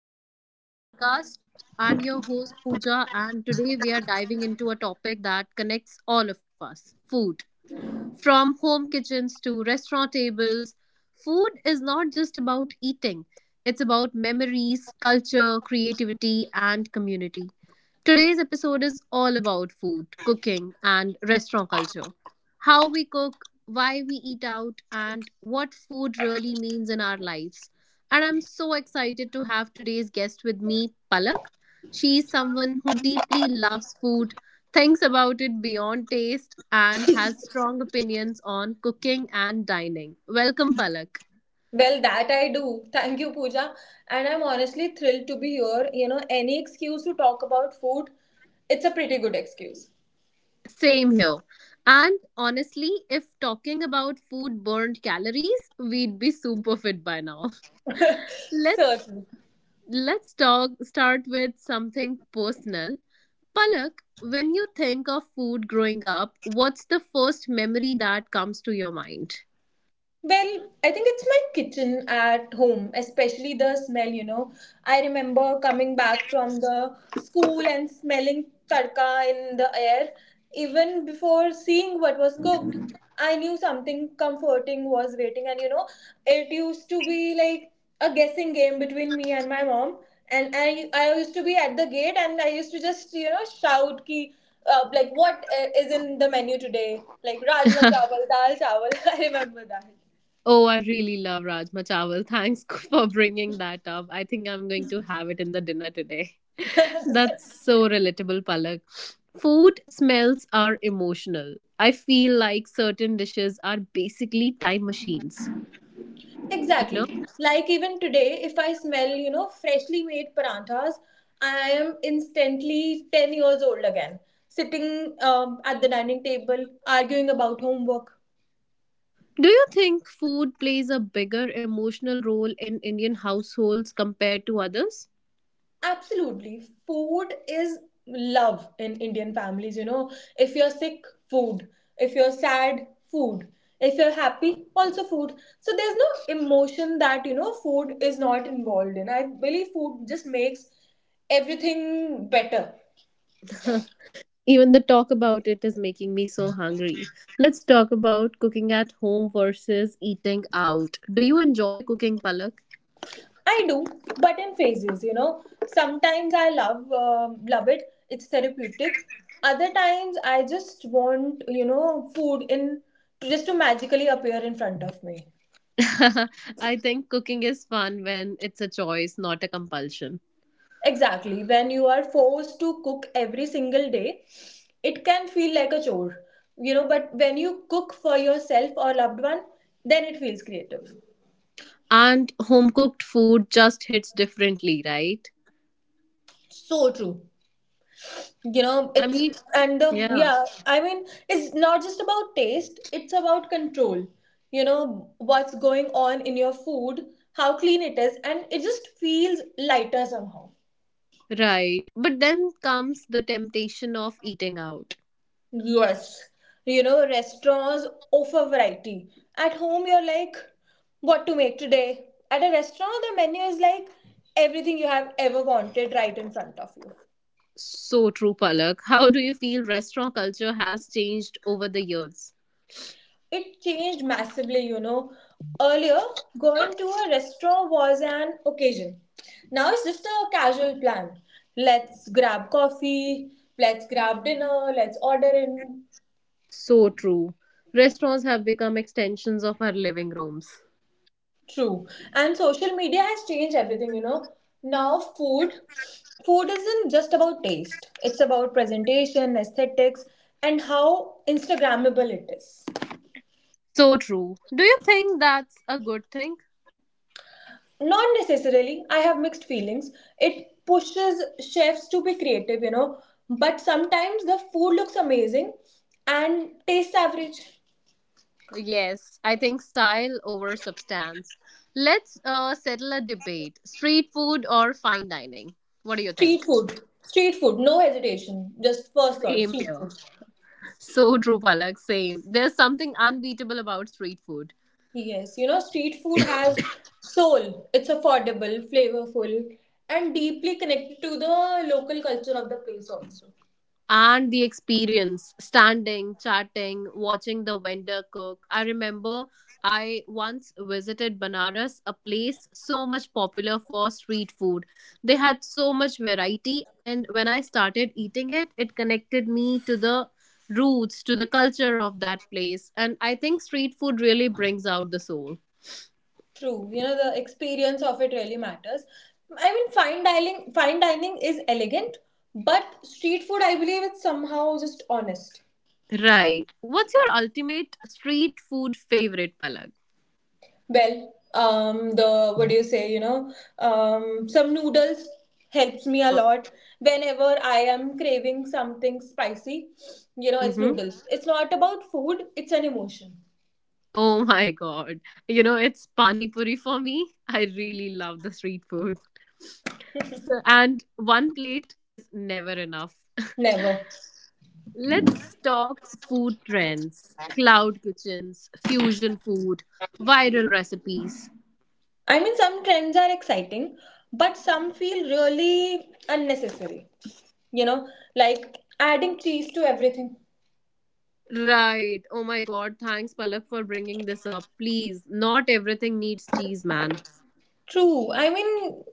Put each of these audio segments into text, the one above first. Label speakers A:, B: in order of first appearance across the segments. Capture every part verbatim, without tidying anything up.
A: welcome back to the podcast. I'm your host, Pooja, and today we are diving into a topic that connects all of us: food. From home kitchens to restaurant tables, food is not just about eating, it's about memories, culture, creativity, and community. Today's episode is all about food, cooking, and restaurant culture. How we cook, why we eat out, and what food really means in our lives. And I'm so excited to have today's guest with me, Palak. She is someone who deeply loves food, thinks about it beyond taste and has strong opinions on cooking and dining. Welcome, Palak.
B: Well, that I do. Thank you, Pooja. And I'm honestly thrilled to be here. You know, any excuse to talk about food, it's a pretty good excuse.
A: Same here. And honestly, if talking about food burned calories, we'd be super fit by now. Let's
B: Certainly.
A: let's talk start with something personal. Palak, when you think of food growing up, what's the first memory that comes to your mind?
B: Well, I think it's my kitchen at home, especially the smell, you know. I remember coming back from the school and smelling tadka in the air. Even before seeing what was cooked, I knew something comforting was waiting. And, you know, it used to be like a guessing game between me and my mom. And I, I used to be at the gate and I used to just, you know, shout ki, uh, like what uh, is in the menu today? Like Rajma chawal, dal chawal. I remember that.
A: Oh, I really love Rajma Chawal. Thanks for bringing that up. I think I'm going to have it in the dinner today. That's so relatable, Palak. Food smells are emotional. I feel like certain dishes are basically time machines, you know?
B: Exactly. Like even today, if I smell, you know, freshly made paranthas, I am instantly ten years old again, sitting um, at the dining table, arguing about homework.
A: Do you think food plays a bigger emotional role in Indian households compared to others?
B: Absolutely. Food is love in Indian families, you know. If you're sick, food. If you're sad, food. If you're happy, also food. So there's no emotion that, you know, food is not involved in. I believe food just makes everything better.
A: Even the talk about it is making me so hungry. Let's talk about cooking at home versus eating out. Do you enjoy cooking, Palak?
B: I do, but in phases, you know. Sometimes I love um, love it. It's therapeutic. Other times I just want, you know, food in just to magically appear in front of me.
A: I think cooking is fun when it's a choice, not a compulsion.
B: Exactly. When you are forced to cook every single day, it can feel like a chore. You know, but when you cook for yourself or loved one, then it feels creative.
A: And home cooked food just hits differently, right?
B: So true. You know,
A: I mean,
B: it's and the
A: yeah,
B: yeah, I mean, it's not just about taste, it's about control, you know what's going on in your food, how clean it is, and it just feels lighter somehow.
A: right. But then comes the temptation of eating out.
B: Yes, you know, restaurants offer variety. At home you're like, what to make today? At a restaurant the menu is like everything you have ever wanted right in front of you.
A: So true, Palak. How do you feel restaurant culture has changed over the years?
B: It changed massively, you know. Earlier, going to a restaurant was an occasion. Now it's just a casual plan. Let's grab coffee, let's grab dinner, let's order in.
A: So true. Restaurants have become extensions of our living rooms.
B: True. And social media has changed everything, you know. Now, food food isn't just about taste, it's about presentation, aesthetics, and how Instagrammable it is.
A: So true. Do you think that's a good thing?
B: Not necessarily, I have mixed feelings. It pushes chefs to be creative, you know, but sometimes the food looks amazing and tastes average.
A: Yes, I think style over substance. Let's uh, settle a debate: street food or fine dining. What do you
B: street
A: think?
B: food street food no hesitation, just first thought,
A: Same
B: street
A: here.
B: food.
A: So true, Palak. Same. There's something unbeatable about street food.
B: Yes, you know, street food has soul. It's affordable, flavorful, and deeply connected to the local culture of the place also.
A: And the experience, standing, chatting, watching the vendor cook. I remember, I once visited Banaras, a place so much popular for street food. They had so much variety, and when I started eating it, it connected me to the roots, to the culture of that place. And I think street food really brings out the soul.
B: True, you know, the experience of it really matters. I mean, fine dining, fine dining is elegant, but street food, I believe, it's somehow just honest.
A: Right. What's your ultimate street food favorite, Palak?
B: Well, um, the what do you say? You know, um, some noodles helps me a lot whenever I am craving something spicy. You know, it's
A: Mm-hmm.
B: noodles. It's not about food; it's an emotion.
A: Oh my god. You know, it's pani puri for me. I really love the street food. So, and one plate is never enough.
B: Never.
A: Let's talk food trends, cloud kitchens, fusion food, viral recipes.
B: I mean, some trends are exciting, but some feel really unnecessary. You know, like adding cheese to everything.
A: Right. Oh my god. Thanks, Palak, for bringing this up. Please, not everything needs cheese, man.
B: True. I mean,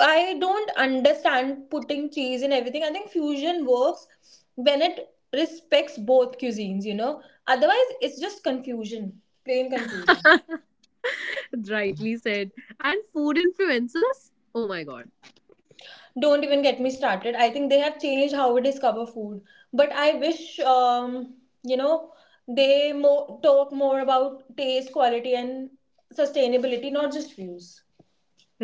B: I don't understand putting cheese in everything. I think fusion works when it respects both cuisines, you know. Otherwise, it's just confusion, plain confusion.
A: Rightly said. And food influencers? Oh my god.
B: Don't even get me started. I think they have changed how we discover food. But I wish, um, you know, they mo- talk more about taste, quality, and sustainability, not just views.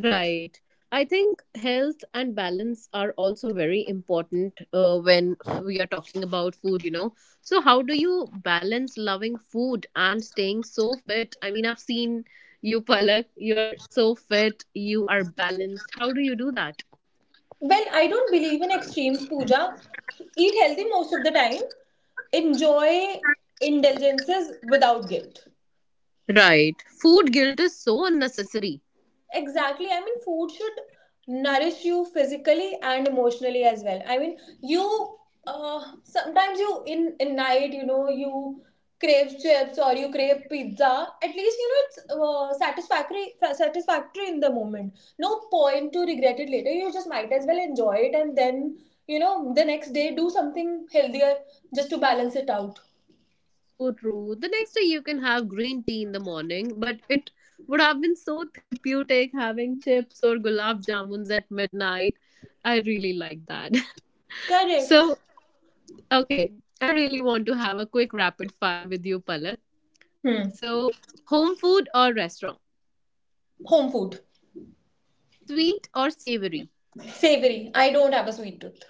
A: Right. I think health and balance are also very important uh, when we are talking about food, you know. So, how do you balance loving food and staying so fit? I mean, I've seen you, Palak, you're so fit, you are balanced. How do you do that?
B: Well, I don't believe in extremes, Pooja. Eat healthy most of the time. Enjoy indulgences without guilt.
A: Right. Food guilt is so unnecessary.
B: Exactly, I mean food should nourish you physically and emotionally as well. I mean, you uh, sometimes you in in night, you know, you crave chips or you crave pizza, at least you know it's uh, satisfactory fa- satisfactory in the moment, no point to regret it later. You just might as well enjoy it and then, you know, the next day do something healthier just to balance it out.
A: So true. The next day you can have green tea in the morning, but it would have been so therapeutic having chips or gulab jamuns at midnight. I really like that.
B: Correct.
A: So, okay, I really want to have a quick rapid fire with you, Palak.
B: Hmm.
A: So, home food or restaurant?
B: Home food.
A: Sweet or savory?
B: Savory, I don't have a sweet tooth.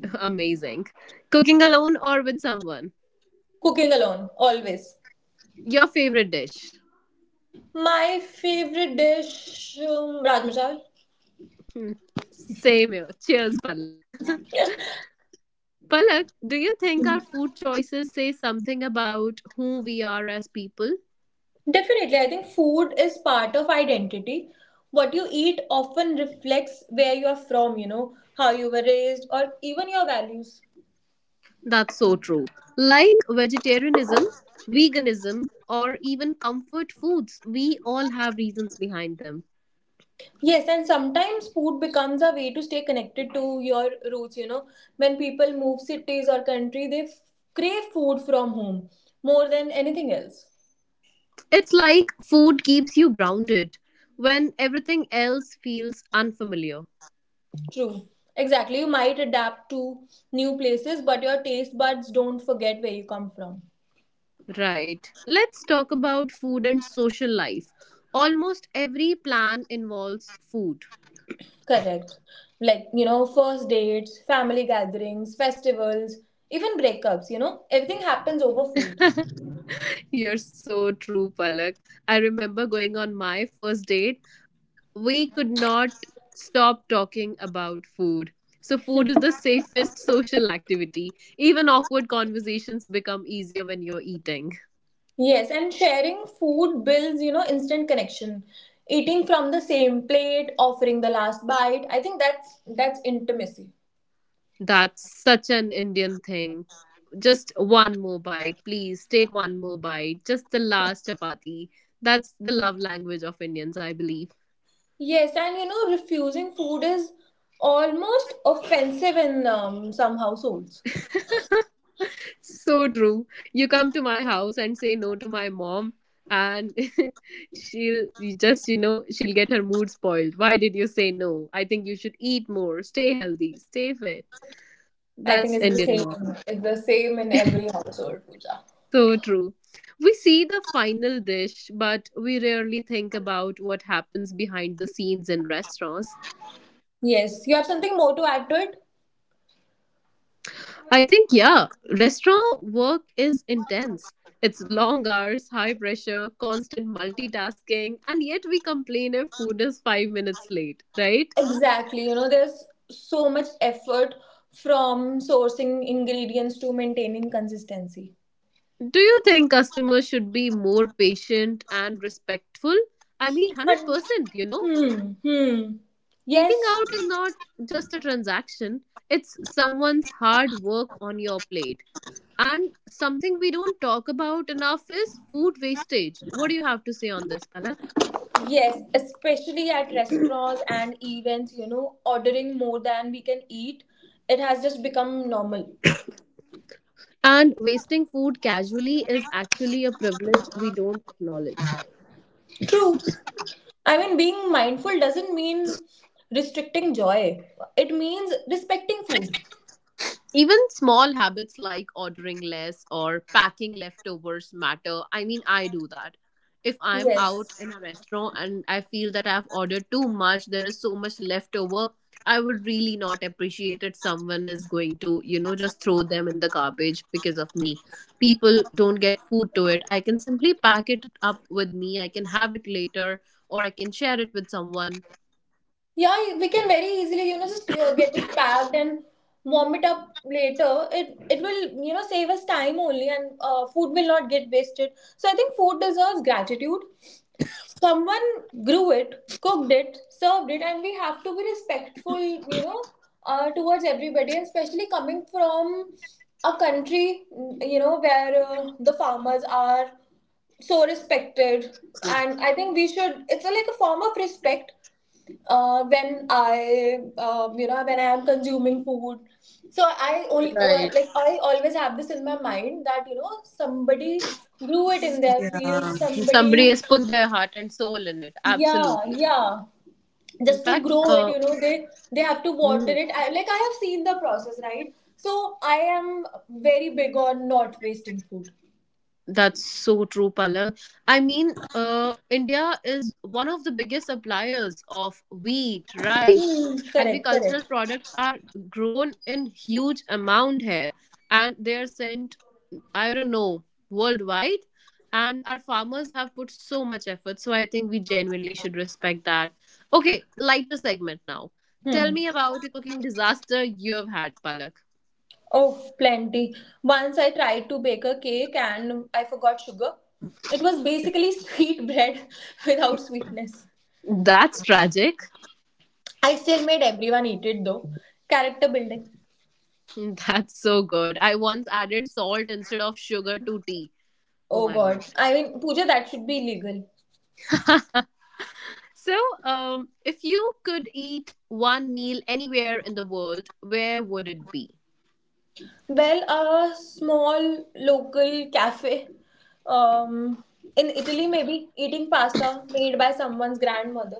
A: Amazing. Cooking alone or with someone?
B: Cooking alone always.
A: Your favorite dish?
B: My favorite dish, um, Rajma Chawal.
A: Hmm, same here. Cheers, Palak. Palak, do you think our food choices say something about who we are as people?
B: Definitely, I think food is part of identity. What you eat often reflects where you are from, you know, how you were raised, or even your values.
A: That's so true. Like vegetarianism, veganism, or even comfort foods, we all have reasons behind them.
B: Yes, and sometimes food becomes a way to stay connected to your roots, you know. When people move cities or country, they f- crave food from home more than anything else.
A: It's like food keeps you grounded when everything else feels unfamiliar.
B: True. Exactly. You might adapt to new places, but your taste buds don't forget where you come from.
A: Right. Let's talk about food and social life. Almost every plan involves food.
B: Correct. Like, you know, first dates, family gatherings, festivals, even breakups, you know, everything happens over food.
A: You're so true, Palak. I remember going on my first date, we could not stop talking about food. So, food is the safest social activity. Even awkward conversations become easier when you're eating.
B: Yes, and sharing food builds, you know, instant connection. Eating from the same plate, offering the last bite, I think that's that's intimacy.
A: That's such an Indian thing. Just one more bite, please take one more bite, just the last chapati. That's the love language of Indians, I believe.
B: Yes, and you know, refusing food is almost offensive in um, some households.
A: So true. You come to my house and say no to my mom, and she'll you just, you know, she'll get her mood spoiled. Why did you say no? I think you should eat more, stay healthy, stay fit.
B: I
A: That's
B: think it's the
A: Indian
B: same.
A: mom.
B: It's the same in every household, Pooja.
A: So true. We see the final dish, but we rarely think about what happens behind the scenes in restaurants.
B: Yes, you have something more to add to it?
A: I think, yeah, restaurant work is intense. It's long hours, high pressure, constant multitasking, and yet we complain if food is five minutes late, right?
B: Exactly. You know, there's so much effort from sourcing ingredients to maintaining consistency.
A: Do you think customers should be more patient and respectful? I mean,
B: And-
A: one hundred percent, you know?
B: Hmm. Hmm.
A: Eating
B: Yes.
A: out is not just a transaction, it's someone's hard work on your plate. And something we don't talk about enough is food wastage. What do you have to say on this, Palak?
B: Yes. Especially at restaurants and events, you know, ordering more than we can eat, it has just become normal.
A: And wasting food casually is actually a privilege we don't acknowledge.
B: True. I mean, being mindful doesn't mean restricting joy. It means respecting food.
A: Even small habits like ordering less or packing leftovers matter. I mean, I do that. If I'm out
B: Yes.
A: in a restaurant and I feel that I've ordered too much, there is so much leftover, I would really not appreciate it. Someone is going to, you know, just throw them in the garbage because of me. People don't get food to it. I can simply pack it up with me, I can have it later, or I can share it with someone.
B: Yeah, we can very easily, you know, just uh, get it packed and warm it up later. It it will, you know, save us time only, and uh, food will not get wasted. So I think food deserves gratitude. Someone grew it, cooked it, served it, and we have to be respectful, you know, uh, towards everybody, and especially coming from a country, you know, where uh, the farmers are so respected, and I think we should, it's a, like a form of respect uh, when I, um, you know, when I am consuming food. So I only,
A: Right.
B: like, I always have this in my mind that, you know, somebody grew it in their field,
A: Um, somebody
B: somebody.
A: has put their heart and soul in it.
B: Yeah,
A: Absolutely.
B: yeah.
A: In
B: Just to
A: fact,
B: grow it,
A: uh,
B: you know, they they have to water
A: mm,
B: it. I, like I have seen the process, right? So I am very big on not wasting food.
A: that's so true, Palak. I mean, uh, India is one of the biggest suppliers of wheat, rice.
B: Hmm, correct, correct.
A: Agricultural products are grown in huge amount here, and they are sent, I don't know, worldwide. And our farmers have put so much effort. So I think we genuinely should respect that. Okay, lighter segment now. Tell
B: Hmm.
A: me about a cooking disaster you have had, Palak.
B: Oh, plenty. Once I tried to bake a cake and I forgot sugar. It was basically sweet bread without sweetness.
A: That's tragic.
B: I still made everyone eat it though. Character building.
A: That's so good. I once added salt instead of sugar to tea. Oh
B: Oh
A: my
B: God.
A: god.
B: I mean, Pooja, that should be illegal.
A: So, um, if you could eat one meal anywhere in the world, where would it be?
B: Well, a small local cafe um, in Italy, maybe eating pasta made by someone's grandmother.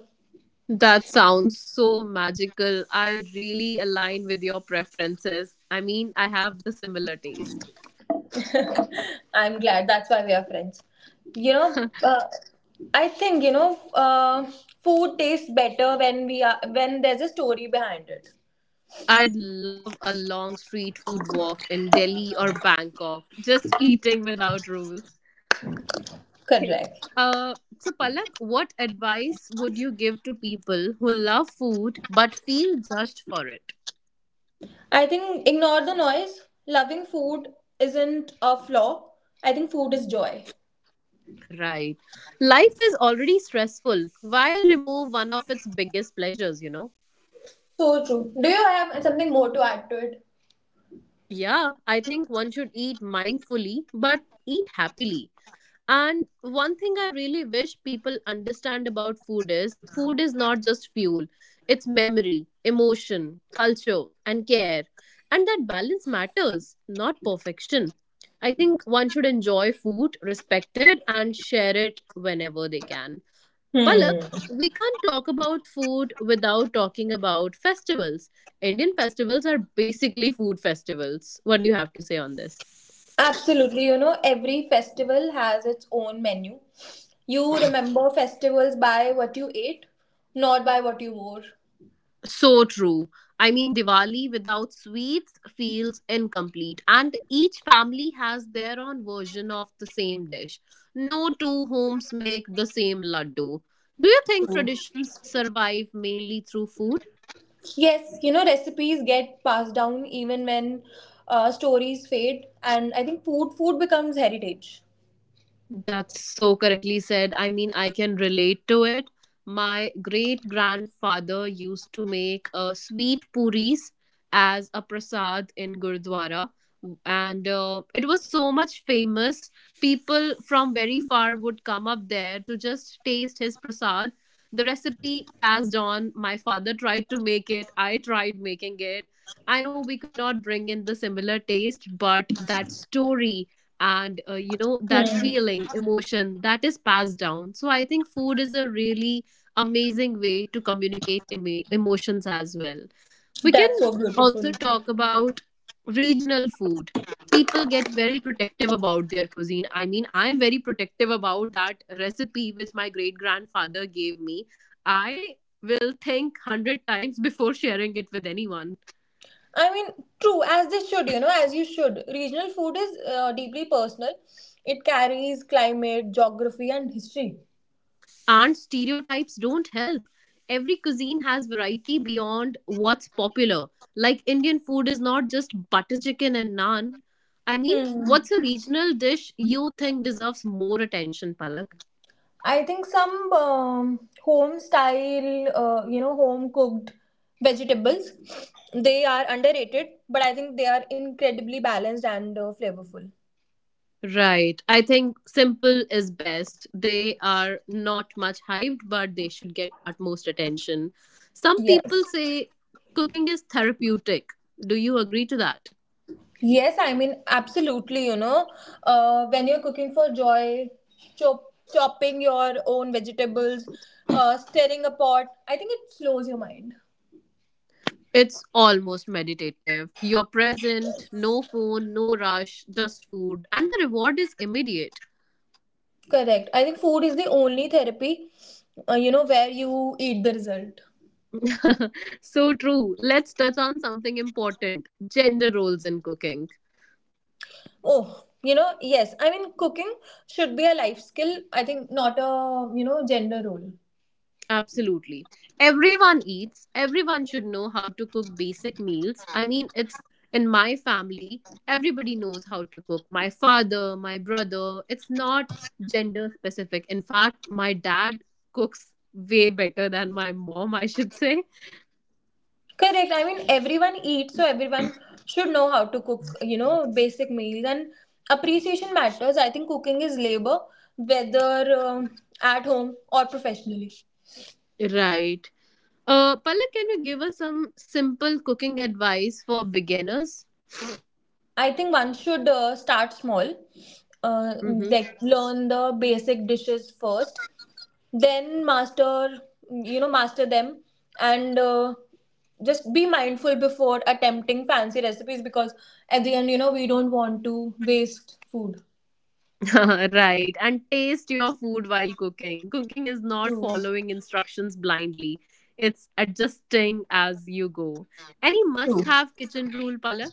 A: That sounds so magical. I really align with your preferences. I mean, I have the similar taste.
B: I'm glad that's why we are friends. You know, uh, I think, you know, uh, food tastes better when we are when there's a story behind it.
A: I'd love a long street food walk in Delhi or Bangkok, just eating without rules. Okay.
B: Correct.
A: Uh, so, Palak, what advice would you give to people who love food but feel judged for it?
B: I think ignore the noise. Loving food isn't a flaw. I think food is joy.
A: Right. Life is already stressful. Why remove one of its biggest pleasures, you know?
B: So true. Do you have something more to add to it?
A: Yeah, I think one should eat mindfully, but eat happily. And one thing I really wish people understand about food is food is not just fuel, it's memory, emotion, culture, and care. And that balance matters, not perfection. I think one should enjoy food, respect it, and share it whenever they can.
B: Hmm.
A: Palak, we can't talk about food without talking about festivals. Indian festivals are basically food festivals. What do you have to say on this?
B: Absolutely, you know, every festival has its own menu. You remember festivals by what you ate, not by what you wore.
A: So true. I mean, Diwali without sweets feels incomplete, and each family has their own version of the same dish. No two homes make the same laddu. Do you think
B: True.
A: traditions survive mainly through food?
B: Yes, you know, recipes get passed down even when uh, stories fade, and I think food food becomes heritage.
A: That's so correctly said. I mean, I can relate to it. My great grandfather used to make uh, sweet puris as a prasad in Gurdwara, and uh, it was so much famous. People from very far would come up there to just taste his prasad. The recipe passed on. My father tried to make it. I tried making it. I know we could not bring in the similar taste, but that story and uh, you know that
B: Hmm.
A: feeling, emotion that is passed down. So I think food is a really amazing way to communicate emo- emotions as well. We can
B: That's so beautiful.
A: also talk about regional food. People get very protective about their cuisine. I mean, I am very protective about that recipe which my great grandfather gave me. I will think one hundred times before sharing it with anyone.
B: I mean, true, as they should, you know, as you should. Regional food is uh, deeply personal. It carries climate, geography, and history.
A: And stereotypes don't help. Every cuisine has variety beyond what's popular. Like Indian food is not just butter chicken and naan. I mean,
B: Hmm.
A: what's a regional dish you think deserves more attention, Palak?
B: I think some um, home style, uh, you know, home cooked vegetables, they are underrated, but I think they are incredibly balanced and uh, flavorful.
A: Right. I think simple is best. They are not much hyped, but they should get utmost attention. Some
B: Yes.
A: people say cooking is therapeutic. Do you agree to that?
B: Yes, I mean, absolutely, you know, uh, when you're cooking for joy, chop- chopping your own vegetables, uh, stirring a pot, I think it slows your mind.
A: It's almost meditative. You're present, no phone, no rush, just food, and the reward is immediate.
B: Correct. I think food is the only therapy, uh, you know, where you eat the result.
A: So true. Let's touch on something important: gender roles in cooking.
B: Oh, you know, yes. I mean, cooking should be a life skill. I think not a, you know, gender role.
A: Absolutely. Everyone eats, everyone should know how to cook basic meals. I mean, it's in my family, everybody knows how to cook. My father, my brother, it's not gender specific. In fact, my dad cooks way better than my mom, I should say.
B: Correct. I mean, everyone eats, so everyone should know how to cook, you know, basic meals. And appreciation matters. I think cooking is labor, whether um at home or professionally.
A: Right. Uh, Palak, can you give us some simple cooking advice for beginners?
B: I think one should uh, start small, uh,
A: Mm-hmm.
B: like learn the basic dishes first, then master, you know, master them, and uh, just be mindful before attempting fancy recipes because at the end, you know, we don't want to waste food.
A: Right. And taste your food while cooking. Cooking is not
B: True.
A: following instructions blindly, it's adjusting as you go. Any must
B: True.
A: have kitchen rule, Palak?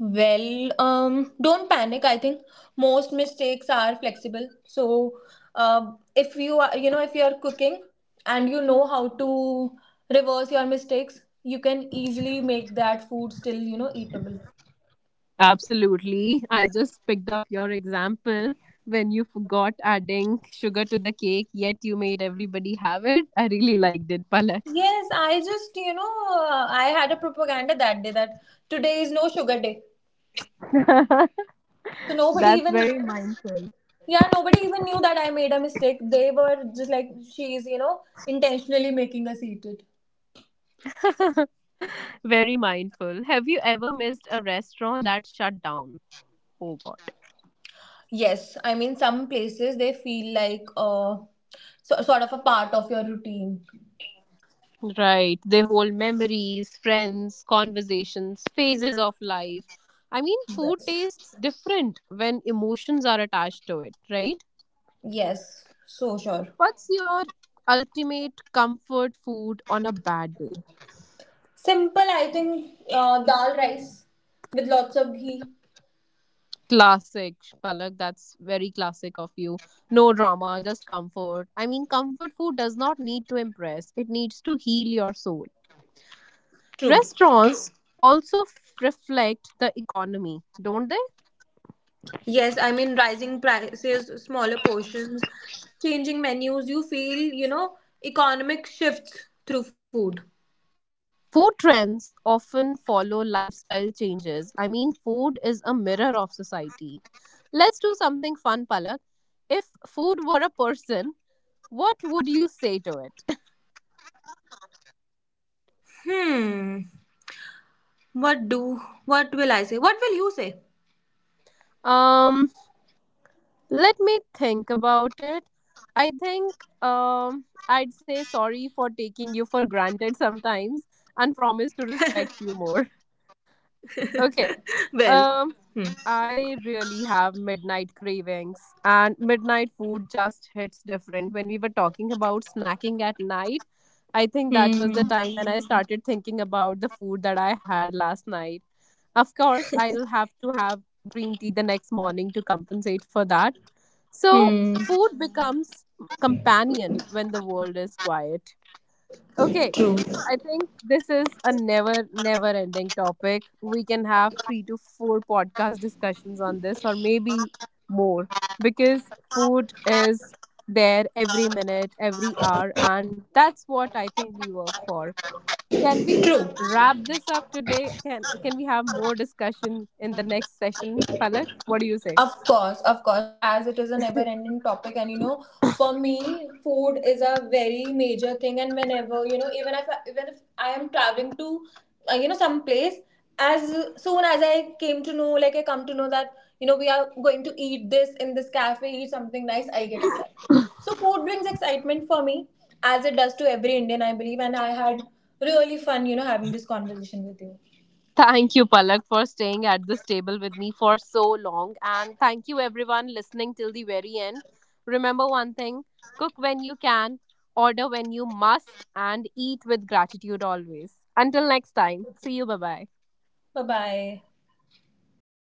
B: Well, um, don't panic. I think most mistakes are flexible. So, uh, if you are, you know, if you are cooking and you know how to reverse your mistakes, you can easily make that food still, you know, eatable.
A: Absolutely. I just picked up your example when you forgot adding sugar to the cake, yet you made everybody have it. I really liked it, Palak.
B: Yes, I just, you know, uh, I had a propaganda that day that today is no sugar day. So nobody
A: That's
B: even,
A: very mindful.
B: yeah, nobody even knew that I made a mistake. They were just like, she's, you know, intentionally making us eat it.
A: Very mindful. Have you ever missed a restaurant that shut down? Oh God.
B: Yes, I mean, some places they feel like uh, so, sort of a part of your routine.
A: Right. They hold memories, friends, conversations, phases of life. I mean, food
B: Yes.
A: tastes different when emotions are attached to it, right?
B: Yes, so sure.
A: What's your ultimate comfort food on a bad day?
B: Simple, I think, uh, dal rice with lots of ghee.
A: Classic, Palak. That's very classic of you. No drama, just comfort. I mean, comfort food does not need to impress, it needs to heal your soul.
B: True.
A: Restaurants also f- reflect the economy, don't they?
B: Yes, I mean, rising prices, smaller portions, changing menus, you feel, you know, economic shifts through food.
A: Food trends often follow lifestyle changes. I mean, food is a mirror of society. Let's do something fun, Palak. If food were a person, what would you say to it?
B: Hmm. What do, what will I say? What will you say?
A: um, Let me think about it. I think um, I'd say sorry for taking you for granted sometimes and promise to respect you more. Okay.
B: Well,
A: Um, I really have midnight cravings, and midnight food just hits different. When we were talking about snacking at night, I think
B: hmm.
A: that
B: Hmm.
A: was the time when I started thinking about the food that I had last night. Of course, I'll have to have green tea the next morning to compensate for that. So,
B: Hmm.
A: food becomes companion when the world is quiet. Okay,
B: True.
A: I think this is a never, never ending topic. We can have three to four podcast discussions on this, or maybe more, because food is there every minute, every hour, and that's what I think we work for. Can we
B: True.
A: wrap this up today? Can can we have more discussion in the next session, Palak? What do you say?
B: Of course, of course, as it is a never ending topic, and you know, for me, food is a very major thing. And whenever, you know, even if I, even if I am traveling to, uh, you know, some place, as soon as I came to know, like I come to know that, you know, we are going to eat this in this cafe, eat something nice, I get excited. So, food brings excitement for me, as it does to every Indian, I believe. And I had really fun, you know, having this conversation with you.
A: Thank you, Palak, for staying at this table with me for so long. And thank you, everyone, listening till the very end. Remember one thing: cook when you can, order when you must, and eat with gratitude always. Until next time, see you. Bye bye.
B: Bye bye.